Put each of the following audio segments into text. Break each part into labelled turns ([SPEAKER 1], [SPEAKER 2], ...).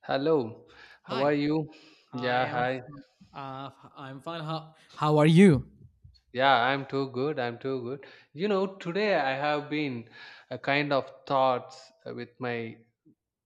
[SPEAKER 1] Hello, how are
[SPEAKER 2] Hi,
[SPEAKER 1] you?
[SPEAKER 2] I
[SPEAKER 1] Yeah,
[SPEAKER 2] am
[SPEAKER 1] hi.
[SPEAKER 2] uh, I'm fine. How are you?
[SPEAKER 1] Yeah, I'm too good. I'm too good. Today I have been a kind of thoughts with my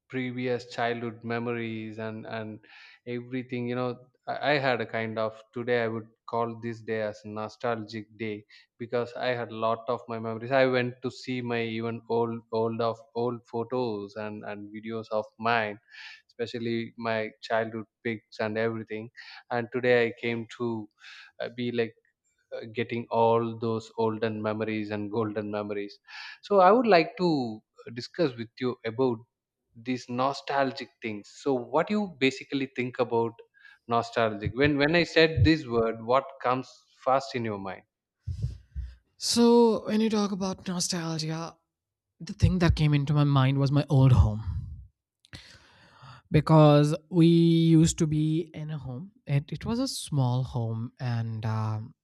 [SPEAKER 1] previous childhood memories and everything. I had a kind of today I would call this day as nostalgic day, because I had a lot of my memories. I went to see my even old of old photos and videos of mine, especially my childhood pics and everything. And today I came to be like getting all those olden memories and golden memories. So I would like to discuss with you about these nostalgic things. So what you basically think about nostalgic? When I said this word, what comes first in your mind?
[SPEAKER 2] So, when you talk about nostalgia, the thing that came into my mind was my old home. Because we used to be in a home, it was a small home and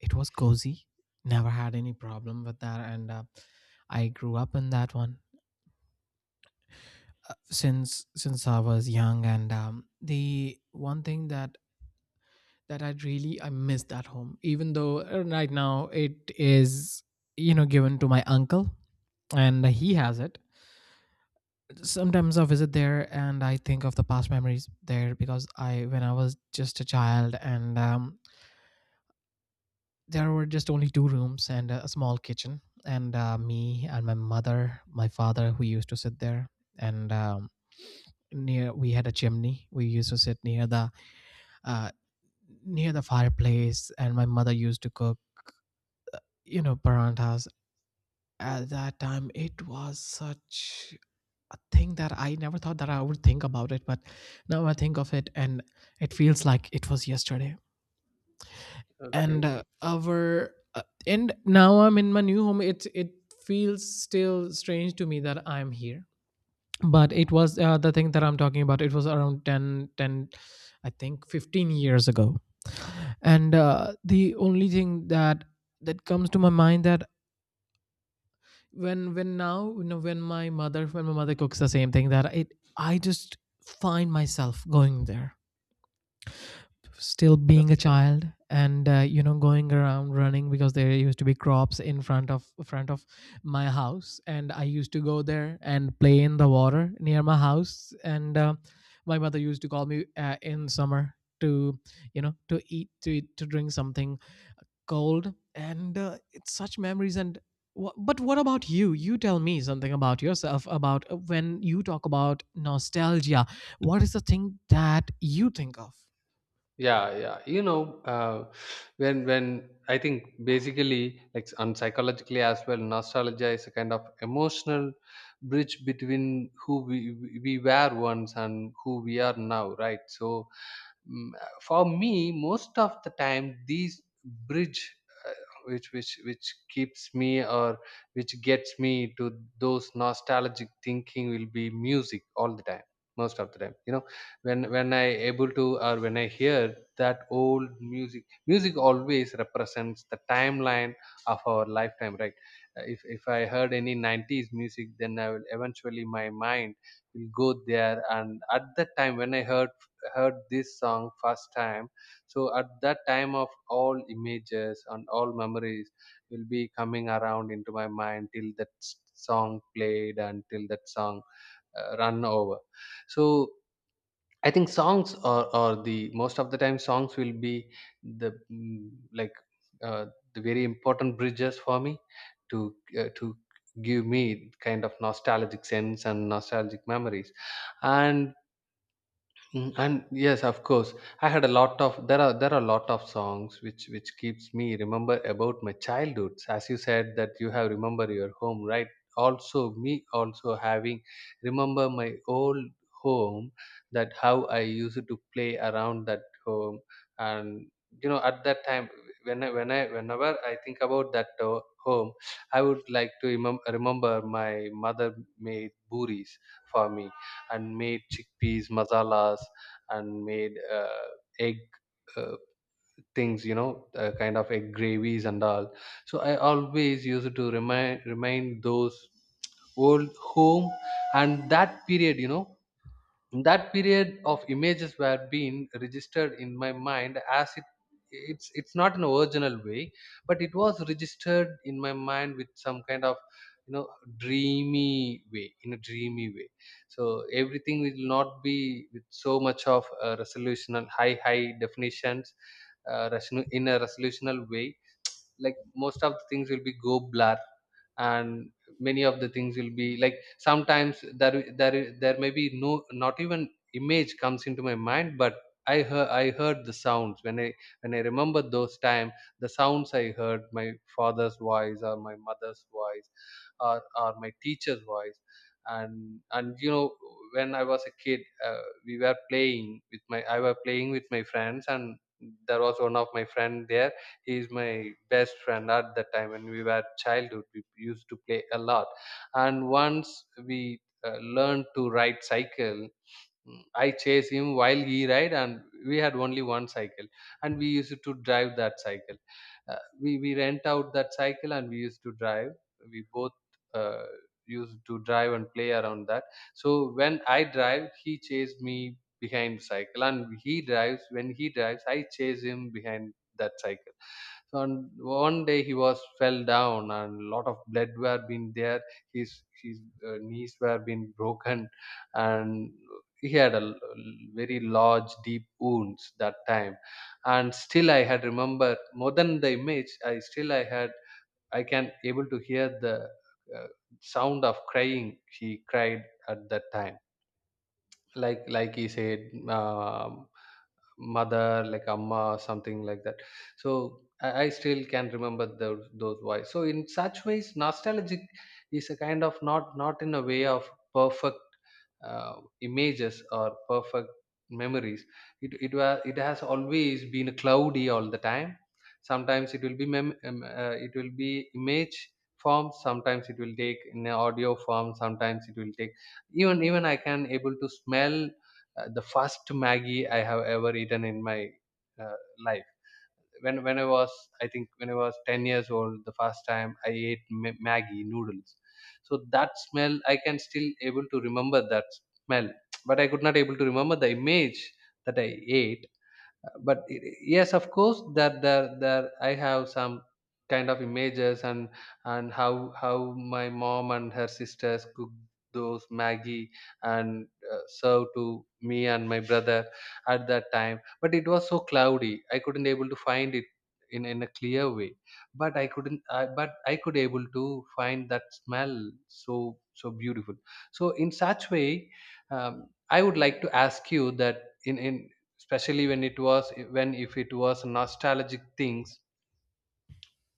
[SPEAKER 2] it was cozy. Never had any problem with that. And I grew up in that one since I was young. And the one thing that I miss that home. Even though right now it is given to my uncle and he has it. Sometimes I visit there and I think of the past memories there because I when I was just a child. And there were just only two rooms and a small kitchen and me and my mother, my father who used to sit there. And near we had a chimney. We used to sit near uh, the fireplace, and my mother used to cook paranthas. At that time, it was such a thing that I never thought that I would think about it, but now I think of it and it feels like it was yesterday. And
[SPEAKER 1] Okay.
[SPEAKER 2] uh, our uh, and now I'm in my new home. It feels still strange to me that I'm here. But it was the thing that I'm talking about. It was around I think 15 years ago. And the only thing that comes to my mind, that when now, when my mother cooks the same thing, that it I just find myself going there, still being a child. And going around running, because there used to be crops in front of my house, and I used to go there and play in the water near my house. And my mother used to call me in summer to, to drink something cold. And it's such memories. And wha but what about You tell me something about yourself, about when you talk about nostalgia, what is the thing that you think of?
[SPEAKER 1] Yeah, yeah, when I think basically like and psychologically as well, nostalgia is a kind of emotional bridge between who we were once and who we are now, right? So Mm, for me, most of the time these bridge uh, which keeps me or which gets me to those nostalgic thinking will be music all the time, most of the time. When I able to, or when I hear that old music, music always represents the timeline of our lifetime, right? If I heard any 90s music, then I will eventually my mind will go there, and at that time when I heard this song first time. So at that time, of all images and all memories will be coming around into my mind till that song played and till that song run over. So I think songs are the most of the time songs will be the like uh, the very important bridges for me to to give me kind of nostalgic sense and nostalgic memories. And and yes, of course, I had a lot of there are a lot of songs which keeps me remember about my childhood, as you said that you have remember your home, right? Also me also having remember my old home, that how I used to play around that home. And at that time, whenever I think about that home, I would like to remember my mother made buris for me, and made chickpeas masalas, and made egg uh, things, kind of egg gravies and all. So I always used to remind those old home, and that period. That period of images were being registered in my mind as it's not an original way, but it was registered in my mind with some kind of you know dreamy way, in a dreamy way. So everything will not be with so much of a resolutional high definitions, in a resolutional way. Like most of the things will be go blur, and many of the things will be like sometimes there may be no, not even image comes into my mind. But i heard the sounds when i remember those time. The sounds I heard, my father's voice, or my mother's voice, or my teacher's voice. And when I was a kid, we were playing with my friends. And there was one of my friend there. He is my best friend at that time. When we were childhood, we used to play a lot. And once we learned to ride cycle. I chase him while he ride. And we had only one cycle, and we used to drive that cycle. We rent out that cycle, and we used to drive. We both uh, used to drive and play around that. So when I drive, he chased me behind the cycle. And he drives, when he drives, I chase him behind that cycle. So and one day he was fell down, and a lot of blood were been there. His knees were been broken, and he had a very large deep wounds that time. And still I had remember more than the image. I still I can able to hear the uh, sound of crying. He cried at that time, like he said, um, mother, like amma, something like that. So I still can remember those voice. So in such ways, nostalgic is a kind of, not in a way of perfect uh, images or perfect memories. It has always been cloudy all the time. Sometimes it will be image form. Sometimes it will take in a audio form. Sometimes it will take, even I can able to smell the first Maggie I have ever eaten in my uh, life. When when I was, I think when I was 10 years old, the first time I ate Maggie noodles. So that smell, I can still able to remember that smell, but I could not able to remember the image that I ate. But yes, of course, that there I have some kind of images. And how my mom and her sisters cook those maggie and serve to me and my brother at that time. But it was so cloudy I couldn't able to find it in a clear way. But I couldn't, I could able to find that smell, so so beautiful. So in such way, I would like to ask you that in especially when it was when if it was nostalgic things,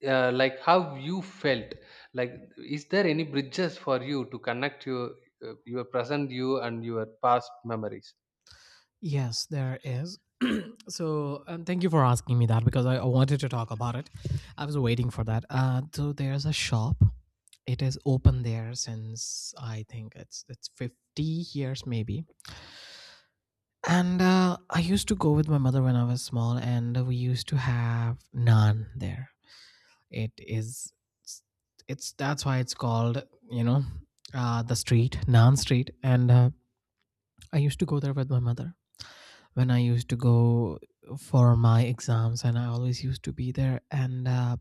[SPEAKER 1] like how you felt. Like, is there any bridges for you to connect your your present you and your past memories?
[SPEAKER 2] Yes, there is. So, thank you for asking me that because I wanted to talk about it. I was waiting for that. So there's a shop. It is open there since, I think, it's 50 years maybe. And I used to go with my mother when I was small, and we used to have naan there. It is, it's that's why it's called, you know, the street naan street. And I used to go there with my mother when I used to go for my exams, and I always used to be there. And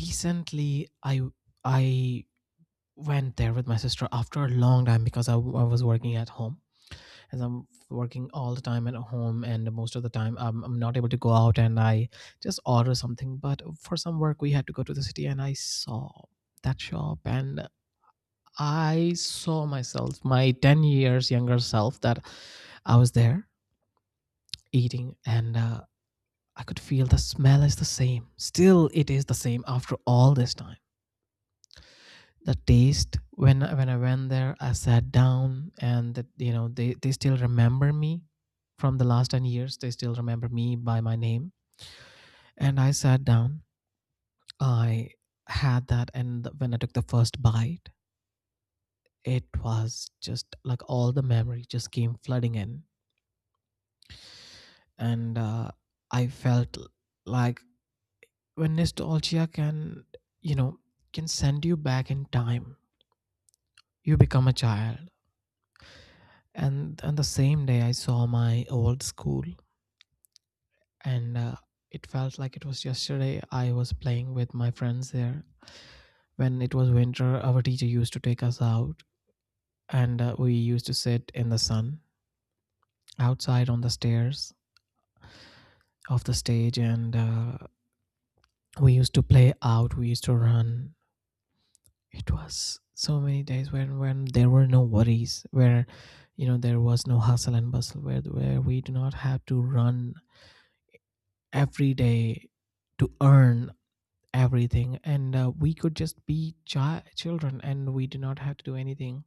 [SPEAKER 2] recently, I went there with my sister after a long time, because I was working at home, as I'm working all the time at home, and most of the time I'm not able to go out, and I just order something. But for some work we had to go to the city, and I saw that shop, and I saw myself, my 10 years younger self, that I was there eating. And I could feel the smell is the same. Still, it is the same after all this time. The taste, when I went there, I sat down, and that they still remember me from the last 10 years. They still remember me by my name. And I sat down. I had that, and when I took the first bite, it was just like all the memory just came flooding in. And I felt like, when nostalgia can, you know can send you back in time, you become a child. And on the same day I saw my old school, and it felt like it was yesterday. I was playing with my friends there. When it was winter, our teacher used to take us out, and we used to sit in the sun outside on the stairs of the stage. And we used to play out, we used to run. It was so many days when, there were no worries, where, there was no hustle and bustle, where, we do not have to run every day to earn everything. And we could just be children, and we do not have to do anything,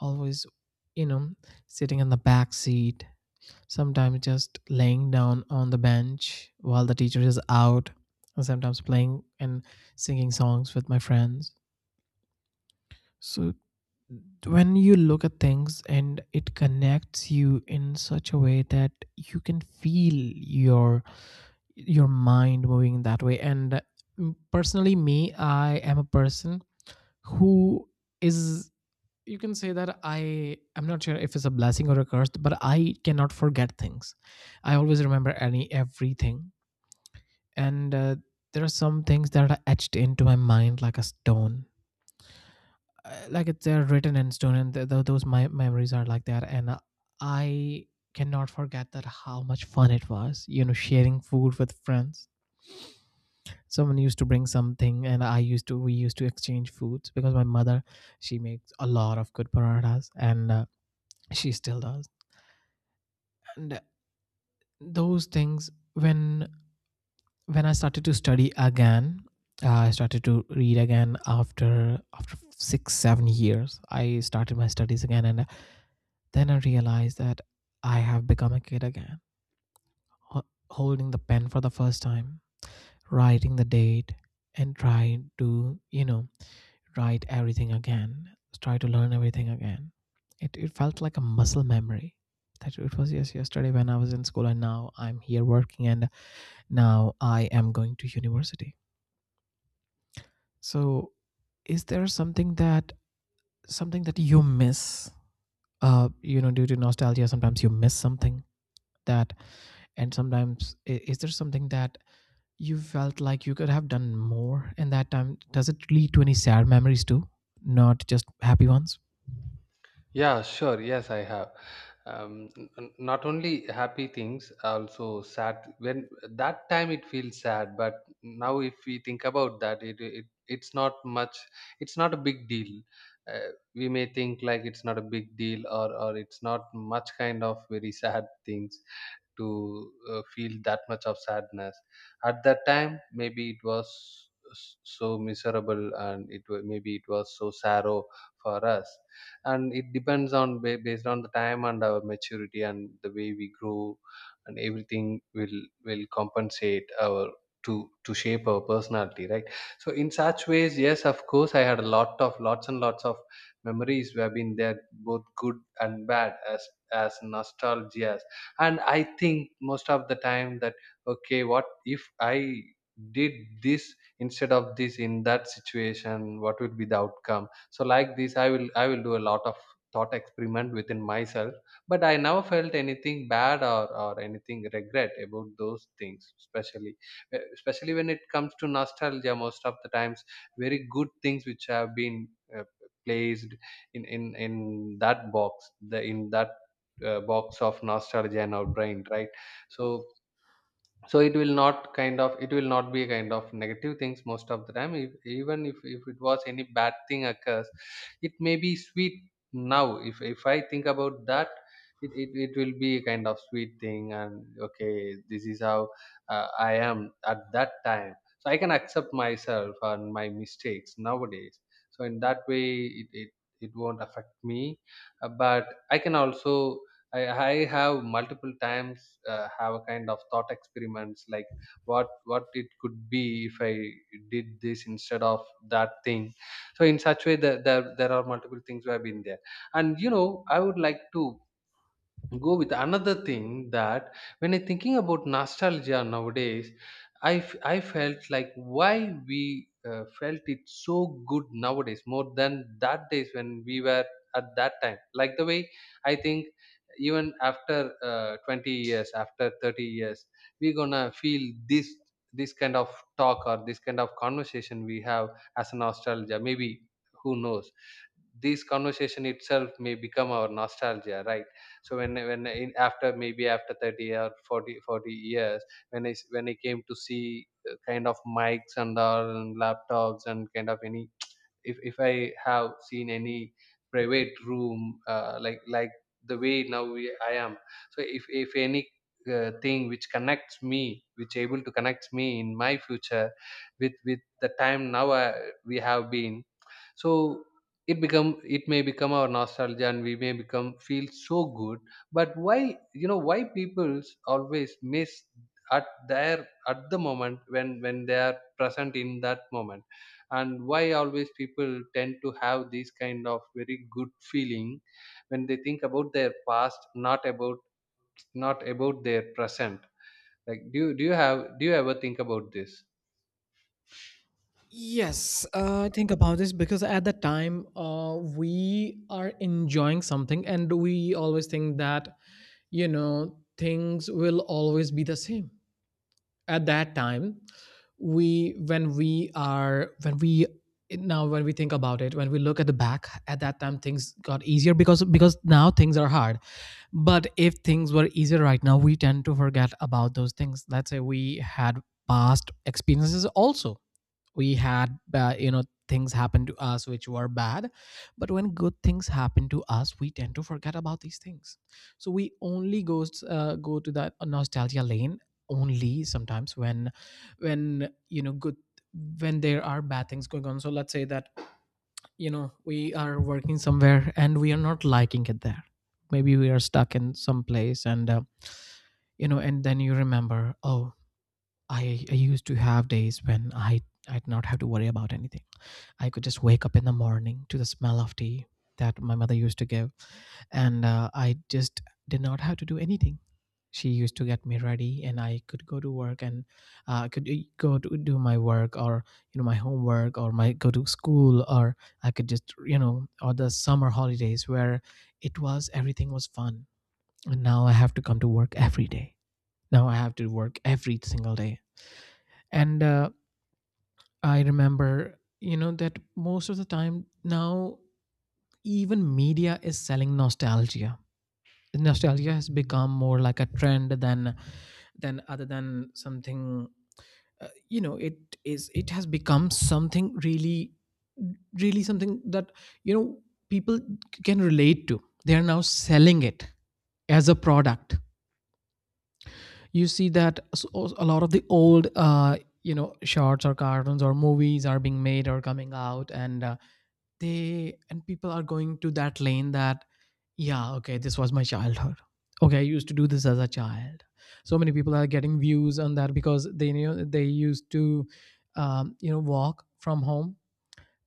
[SPEAKER 2] always, you know sitting in the back seat, sometimes just laying down on the bench while the teacher is out, and sometimes playing and singing songs with my friends. So, when you look at things and it connects you in such a way that you can feel your, mind moving in that way. And personally, me, I am a person who is, you can say that, I'm not sure if it's a blessing or a curse, but I cannot forget things. I always remember, any everything. And there are some things that are etched into my mind like a stone, like, it's they're written in stone. And those, my memories, are like that. And I cannot forget that how much fun it was, sharing food with friends. Someone used to bring something, and I used to we used to exchange foods, because my mother, she makes a lot of good parathas. And she still does. And those things, when, I started to study again, I started to read again after, 6 7 years. I started my studies again. And then I realized that I have become a kid again, holding the pen for the first time, writing the date, and trying to, write everything again, try to learn everything again. It felt like a muscle memory, that it was just yesterday when I was in school, and now I'm here working, and now I am going to university. So, is there something that, you miss? Due to nostalgia, sometimes you miss something that, and sometimes, is there something that you felt like you could have done more in that time? Does it lead to any sad memories too, not just happy ones?
[SPEAKER 1] Yeah, sure. Yes, I have. Not only happy things, also sad. When that time it feels sad, but now if we think about that, it's not much. It's not a big deal. We may think like it's not a big deal, or it's not much kind of very sad things to feel that much of sadness at that time. Maybe it was so miserable, and it maybe it was so sorrow for us. And it depends based on the time and our maturity and the way we grow. And everything will compensate our to shape our personality, right? So in such ways, yes, of course, I had a lot of lots and lots of memories who have been there, both good and bad as nostalgia. And I think most of the time that, okay, what if I did this instead of this in that situation, what would be the outcome? So like this, i will do a lot of thought experiment within myself. But I never felt anything bad or anything regret about those things, especially especially when it comes to nostalgia, most of the times very good things which have been uh, placed in that box of nostalgia in our brain, right? So so it will not be a kind of negative things most of the time. If, even if, if it was any bad thing occurs, it may be sweet. Now if I think about that, it will be a kind of sweet thing. And okay, this is how I am at that time, so I can accept myself and my mistakes nowadays. So in that way it won't affect me. But I can also I have multiple times have a kind of thought experiments like what it could be if I did this instead of that thing. So in such way that there are multiple things where I've been there. And I would like to go with another thing, that when I thinking about nostalgia nowadays, I felt like why we felt it so good nowadays more than that days when we were at that time, like the way I think. Even after 20 years, after 30 years, we're gonna feel this kind of talk or this kind of conversation we have as a nostalgia, maybe. Who knows, this conversation itself may become our nostalgia, right? So when in, after maybe after 30 or forty years, when I s- when I came to see kind of mics and all, and laptops, and kind of any, if I have seen any private room, like the way now I am. So if any thing which connects me, which able to connect me in my future with the time now, we have been. So it may become our nostalgia, and we may become feel so good. But why, why people always miss, at the moment, when they are present in that moment? And why always people tend to have these kind of very good feeling when they think about their past, not about their present? Like, do you ever think about this?
[SPEAKER 2] Yes, I think about this, because at the time, we are enjoying something and we always think that, things will always be the same. At that time, we, when we are, when we, now when we think about it, when we look at the back, at that time things got easier, because, now things are hard. But if things were easier right now, we tend to forget about those things. Let's say we had past experiences also, we had, things happen to us which were bad, but when good things happen to us we tend to forget about these things. So we only goes go to that nostalgia lane, only sometimes, when you know good when there are bad things going on. So let's say that, we are working somewhere and we are not liking it there, maybe we are stuck in some place, and and then you remember, oh, I used to have days when I did not have to worry about anything. I could just wake up in the morning to the smell of tea that my mother used to give. And I just did not have to do anything. She used to get me ready, and I could go to work. And I could go to do my work, or, my homework, or my go to school, or I could just, or the summer holidays where, it was everything was fun. And now I have to come to work every day. Now I have to work every single day, and I remember that most of the time now even media is selling nostalgia has become more like a trend than something, it is it has become something really really something that, you know, people can relate to. They are now selling it as a product. You see that a lot of the old, shorts or cartoons or movies are being made or coming out, and they and people are going to that lane that, yeah, okay, this was my childhood. Okay, I used to do this as a child. So many people are getting views on that because they knew they used to, walk from home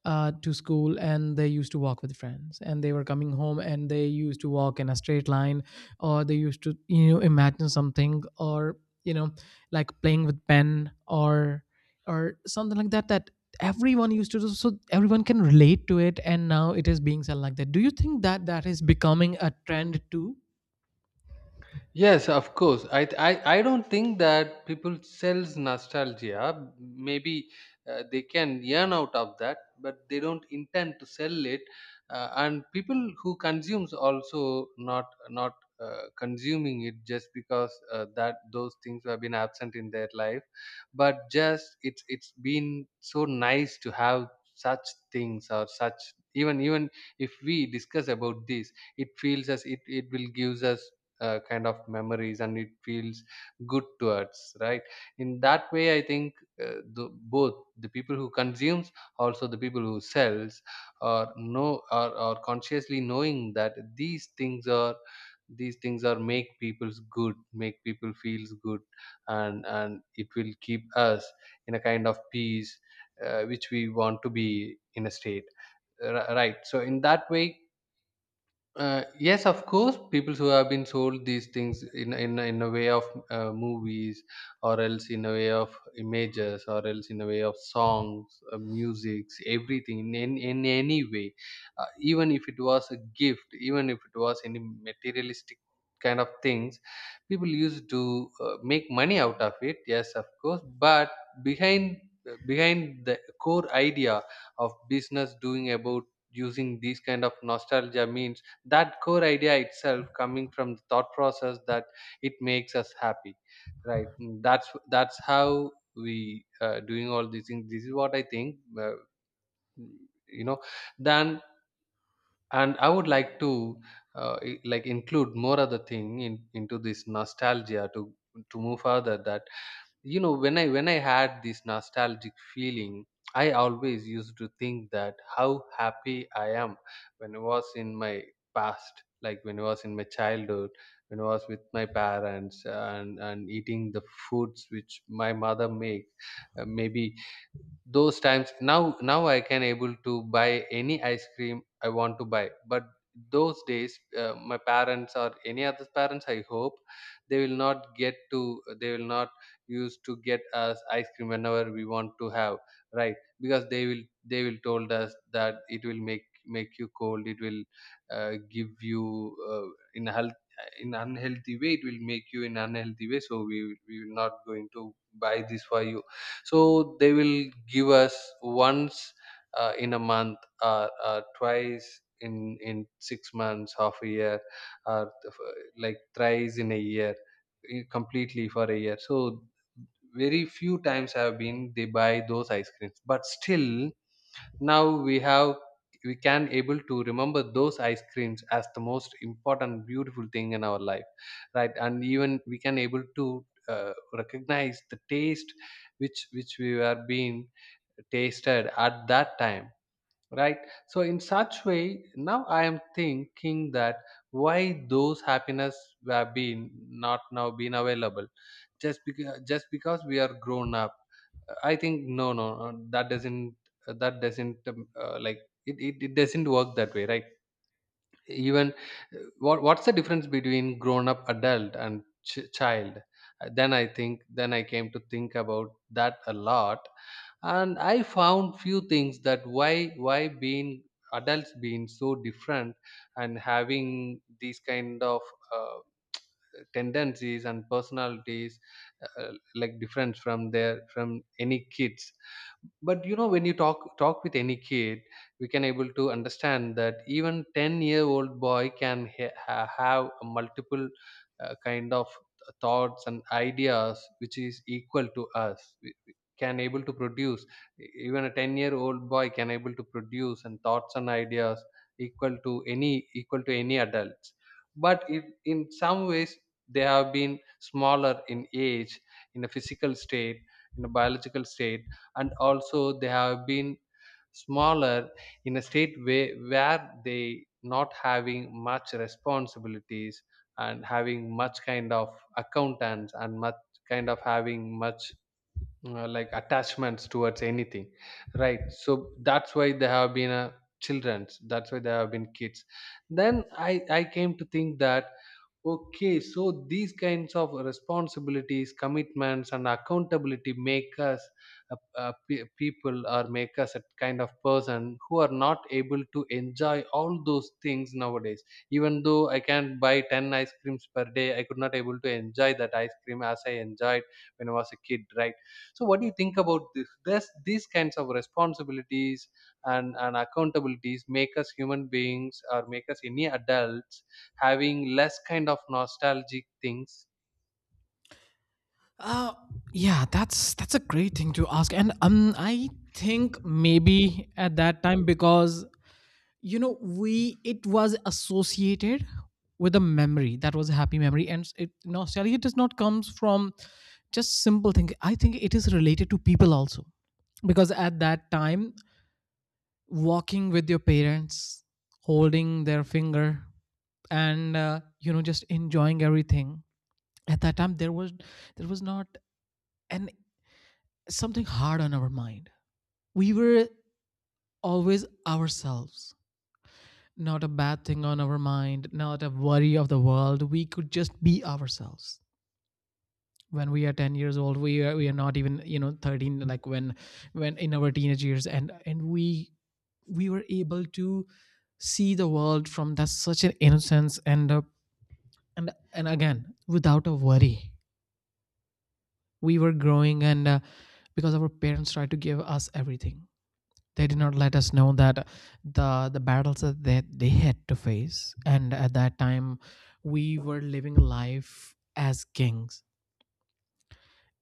[SPEAKER 2] uh, to school, and they used to walk with friends and they were coming home and they used to walk in a straight line, or they used to, you know, imagine something, or, you know, like playing with pen or something like that that everyone used to do. So everyone can relate to it and now it is being said like that. Do you think that that is becoming a trend too?
[SPEAKER 1] Yes, of course. I don't think that people sells nostalgia. Maybe they can earn out of that, but they don't intend to sell it. And people who consumes also not consuming it just because, that those things have been absent in their life, but just it's been so nice to have such things, or such, even if we discuss about this, it feels as it will gives us kind of memories, and it feels good to us, right. In that way I think, uh, the, both the people who consumes, also the people who sells, are consciously knowing that these things are, make people feels good, and it will keep us in a kind of peace, which we want to be in a state. Right. So in that way, yes, of course, people who have been sold these things, in, in a way of movies, or else in a way of images, or else in a way of songs, musics, everything in, in any way, even if it was a gift, even if it was any materialistic kind of things, people used to make money out of it. Yes, of course, but behind, behind the core idea of business doing about using these kind of nostalgia, means that core idea itself coming from the thought process that it makes us happy, right. That's how we doing all these things. This is what I think, you know then, and I would like to, like, include more other thing into this nostalgia, to move further, that, when I had this nostalgic feeling, I always used to think that how happy I am when I was in my past, like when I was in my childhood, when I was with my parents and eating the foods which my mother make, maybe those times. Now I can able to buy any ice cream I want to buy, but those days, my parents or any other parents, I hope, they will not use to get us ice cream whenever we want to have, right. Because they will told us that it will make you cold, it will give you, uh, in a health in unhealthy way, it will make you in unhealthy way, so we will not going to buy this for you. So they will give us once, in a month, or twice in 6 months, half a year, or th- like thrice in a year, completely for a year, so very few times have been they buy those ice creams. But still, now we can able to remember those ice creams as the most important beautiful thing in our life, right. And even we can able to recognize the taste which we were being tasted at that time, right. So in such way, now I am thinking that, why those happiness were been not now been available, just because we are grown up? I think no, no, no, that doesn't, like, it doesn't work that way, right? Even, what's the difference between grown up adult and child? Then I think, then I came to think about that a lot, and I found few things, that why being adults being so different, and having these kind of uh, tendencies and personalities, like different from any kids. But when you talk with any kid, we can able to understand that even 10-year-old boy can have a multiple kind of thoughts and ideas which is equal to us. We can able to produce, even a 10-year-old boy can able to produce and thoughts and ideas equal to any adults. But if in some ways they have been smaller in age, in a physical state, in a biological state, and also they have been smaller in a state way where they not having much responsibilities, and having much kind of accountants, and much kind of having much, like, attachments towards anything, right. So that's why they have been a children's, that's why they have been kids. Then I came to think that, okay, so these kinds of responsibilities, commitments, and accountability make us, people, or make us a kind of person who are not able to enjoy all those things nowadays. Even though I can buy 10 ice creams per day, I could not able to enjoy that ice cream as I enjoyed when I was a kid, right? So, what do you think about this? These kinds of responsibilities and accountabilities make us human beings, or make us any adults, having less kind of nostalgic things?
[SPEAKER 2] uh, yeah, that's a great thing to ask, and I think maybe at that time because, you know, we it was associated with a memory that was a happy memory, and it nostalgia does not comes from just simple thing. I think it is related to people also, because at that time, walking with your parents, holding their finger, and, just enjoying everything. At that time there was not an something hard on our mind. We were always ourselves, not a bad thing on our mind, not a worry of the world. We could just be ourselves. When we are 10 years old, we are not even, you know, 13, like when in our teenage years, we were able to see the world from that such an innocence, and, and again, without a worry, we were growing, and, because our parents tried to give us everything, they did not let us know that the battles that they had to face, and at that time we were living life as kings.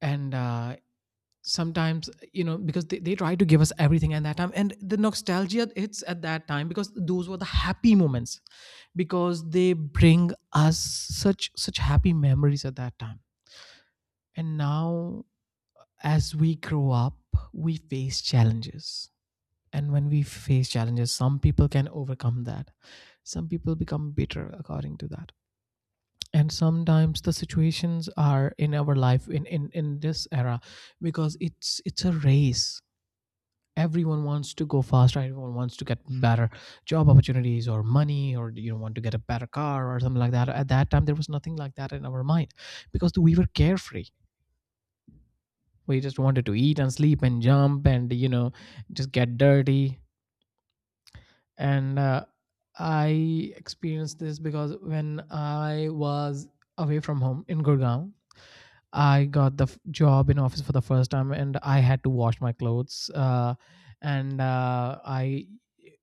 [SPEAKER 2] And, sometimes because they tried to give us everything at that time, and the nostalgia hits at that time because those were the happy moments, because they bring us such happy memories at that time. And now, as we grow up, we face challenges. And when we face challenges, some people can overcome that, some people become bitter according to that. And sometimes the situations are in our life in this era, because it's a race. Everyone wants to go faster, everyone wants to get better job opportunities or money, or, you know, want to get a better car or something like that. At that time there was nothing like that in our mind, because we were carefree. We just wanted to eat and sleep and jump and, you know, just get dirty. And, I experienced this because when I was away from home in Gurgaon, I got the job in office for the first time, and I had to wash my clothes, and I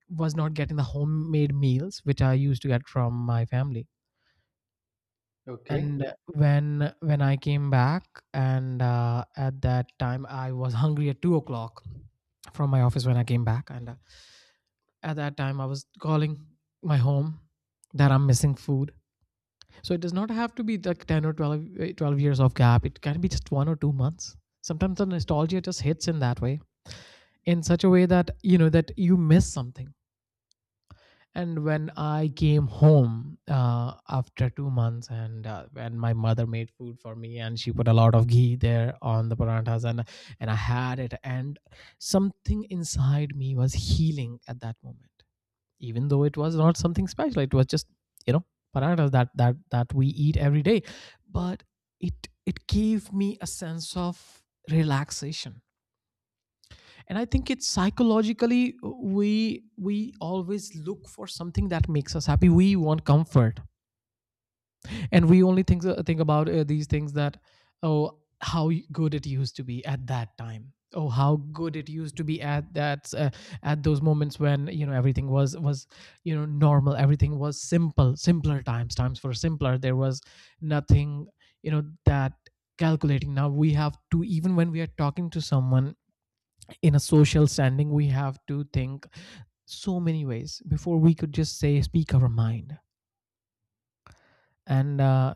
[SPEAKER 2] was not getting the homemade meals which I used to get from my family.
[SPEAKER 1] Okay.
[SPEAKER 2] And, when I came back, and, at that time I was hungry at 2 o'clock from my office when I came back, and, at that time I was calling my home that I'm missing food. So it does not have to be like 10 or 12 years of gap. It can be just 1 or 2 months. Sometimes the nostalgia just hits in that way, in such a way that, you know, that you miss something. And when I came home, after 2 months, and, when my mother made food for me and she put a lot of ghee there on the paranthas, and I had it, and something inside me was healing at that moment. Even though it was not something special, it was just, you know, paratas that we eat every day. But it gave me a sense of relaxation. And I think it's psychologically, we always look for something that makes us happy. We want comfort. And we only think about, these things that, oh, how good it used to be at that time. Oh, how good it used to be at that at those moments, when, you know, everything was, you know, normal, everything was simple, simpler times, times for simpler. There was nothing, you know, that calculating, now we have to, even when we are talking to someone in a social standing, we have to think so many ways before we could just say speak our mind. And,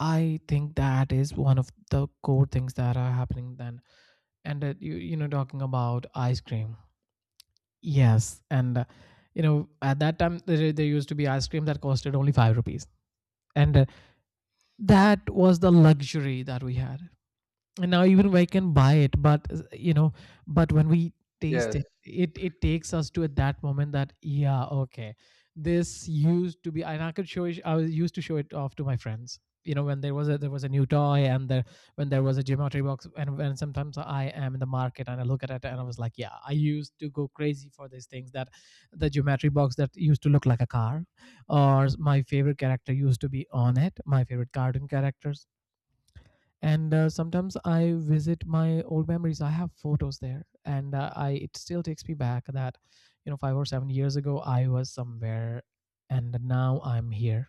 [SPEAKER 2] I think that is one of the core things that are happening then. And, you know, talking about ice cream, yes, and, at that time there, there used to be ice cream that costed only 5 rupees, and, that was the luxury that we had. And now even we can buy it, but, but when we taste
[SPEAKER 1] Yes.
[SPEAKER 2] it, it it takes us to at that moment that, yeah, okay, this used to be, and I could show it, I was used to show it off to my friends. You know, when there was a new toy, and there when there was a geometry box, and when sometimes I am in the market and I look at it, and I was like, yeah, I used to go crazy for these things that the geometry box that used to look like a car, or my favorite character used to be on it, my favorite cartoon characters. And, sometimes I visit my old memories, I have photos there, and, I it still takes me back that, you know, 5 or 7 years ago I was somewhere and now I'm here.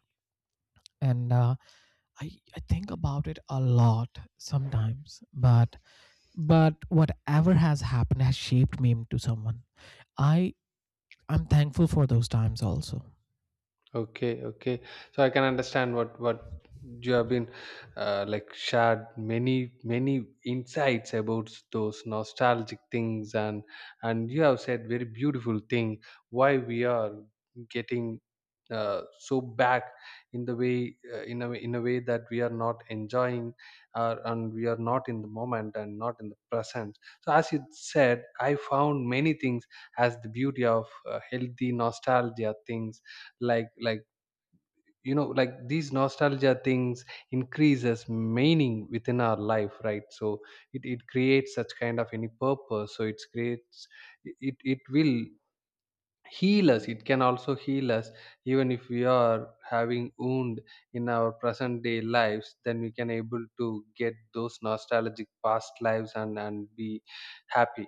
[SPEAKER 2] And, i I think about it a lot sometimes, but whatever has happened has shaped me into someone i I'm thankful for those times also.
[SPEAKER 1] Okay, okay. So I can understand what you have been, like, shared many insights about those nostalgic things, and you have said very beautiful thing. Why we are getting, so back, in the way, in a way that we are not enjoying, and we are not in the moment and not in the present. So as you said, I found many things as the beauty of healthy nostalgia things. Like, like these nostalgia things increases meaning within our life, right. So it creates such kind of any purpose, so it's creates, it will heal us. It can also heal us, even if we are having wound in our present day lives, then we can able to get those nostalgic past lives and be happy,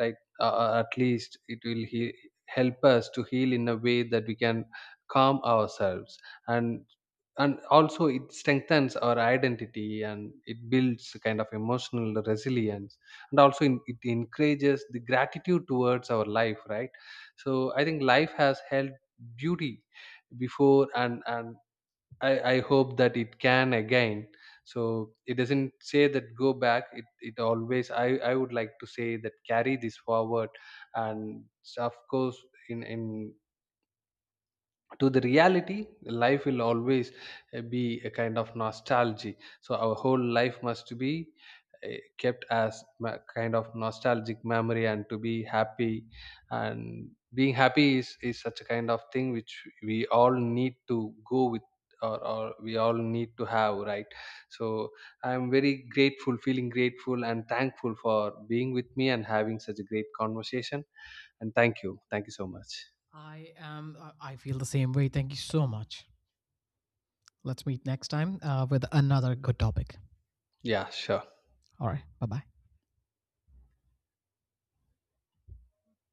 [SPEAKER 1] right. At least it will help us to heal in a way that we can calm ourselves, and and also it strengthens our identity, and it builds a kind of emotional resilience. And also, it encourages the gratitude towards our life, right. So I think life has held beauty before, and I hope that it can again. So it doesn't say that go back, it always, I would like to say that carry this forward. And of course, in to the reality, life will always be a kind of nostalgy. So our whole life must be kept as kind of nostalgic memory, and to be happy. And being happy is such a kind of thing which we all need to go with, or we all need to have, right. So I'm very grateful, feeling grateful and thankful for being with me and having such a great conversation, and thank you so much.
[SPEAKER 2] I am. I feel the same way. Thank you so much. Let's meet next time, with another good topic.
[SPEAKER 1] Yeah, sure.
[SPEAKER 2] All right. Bye bye.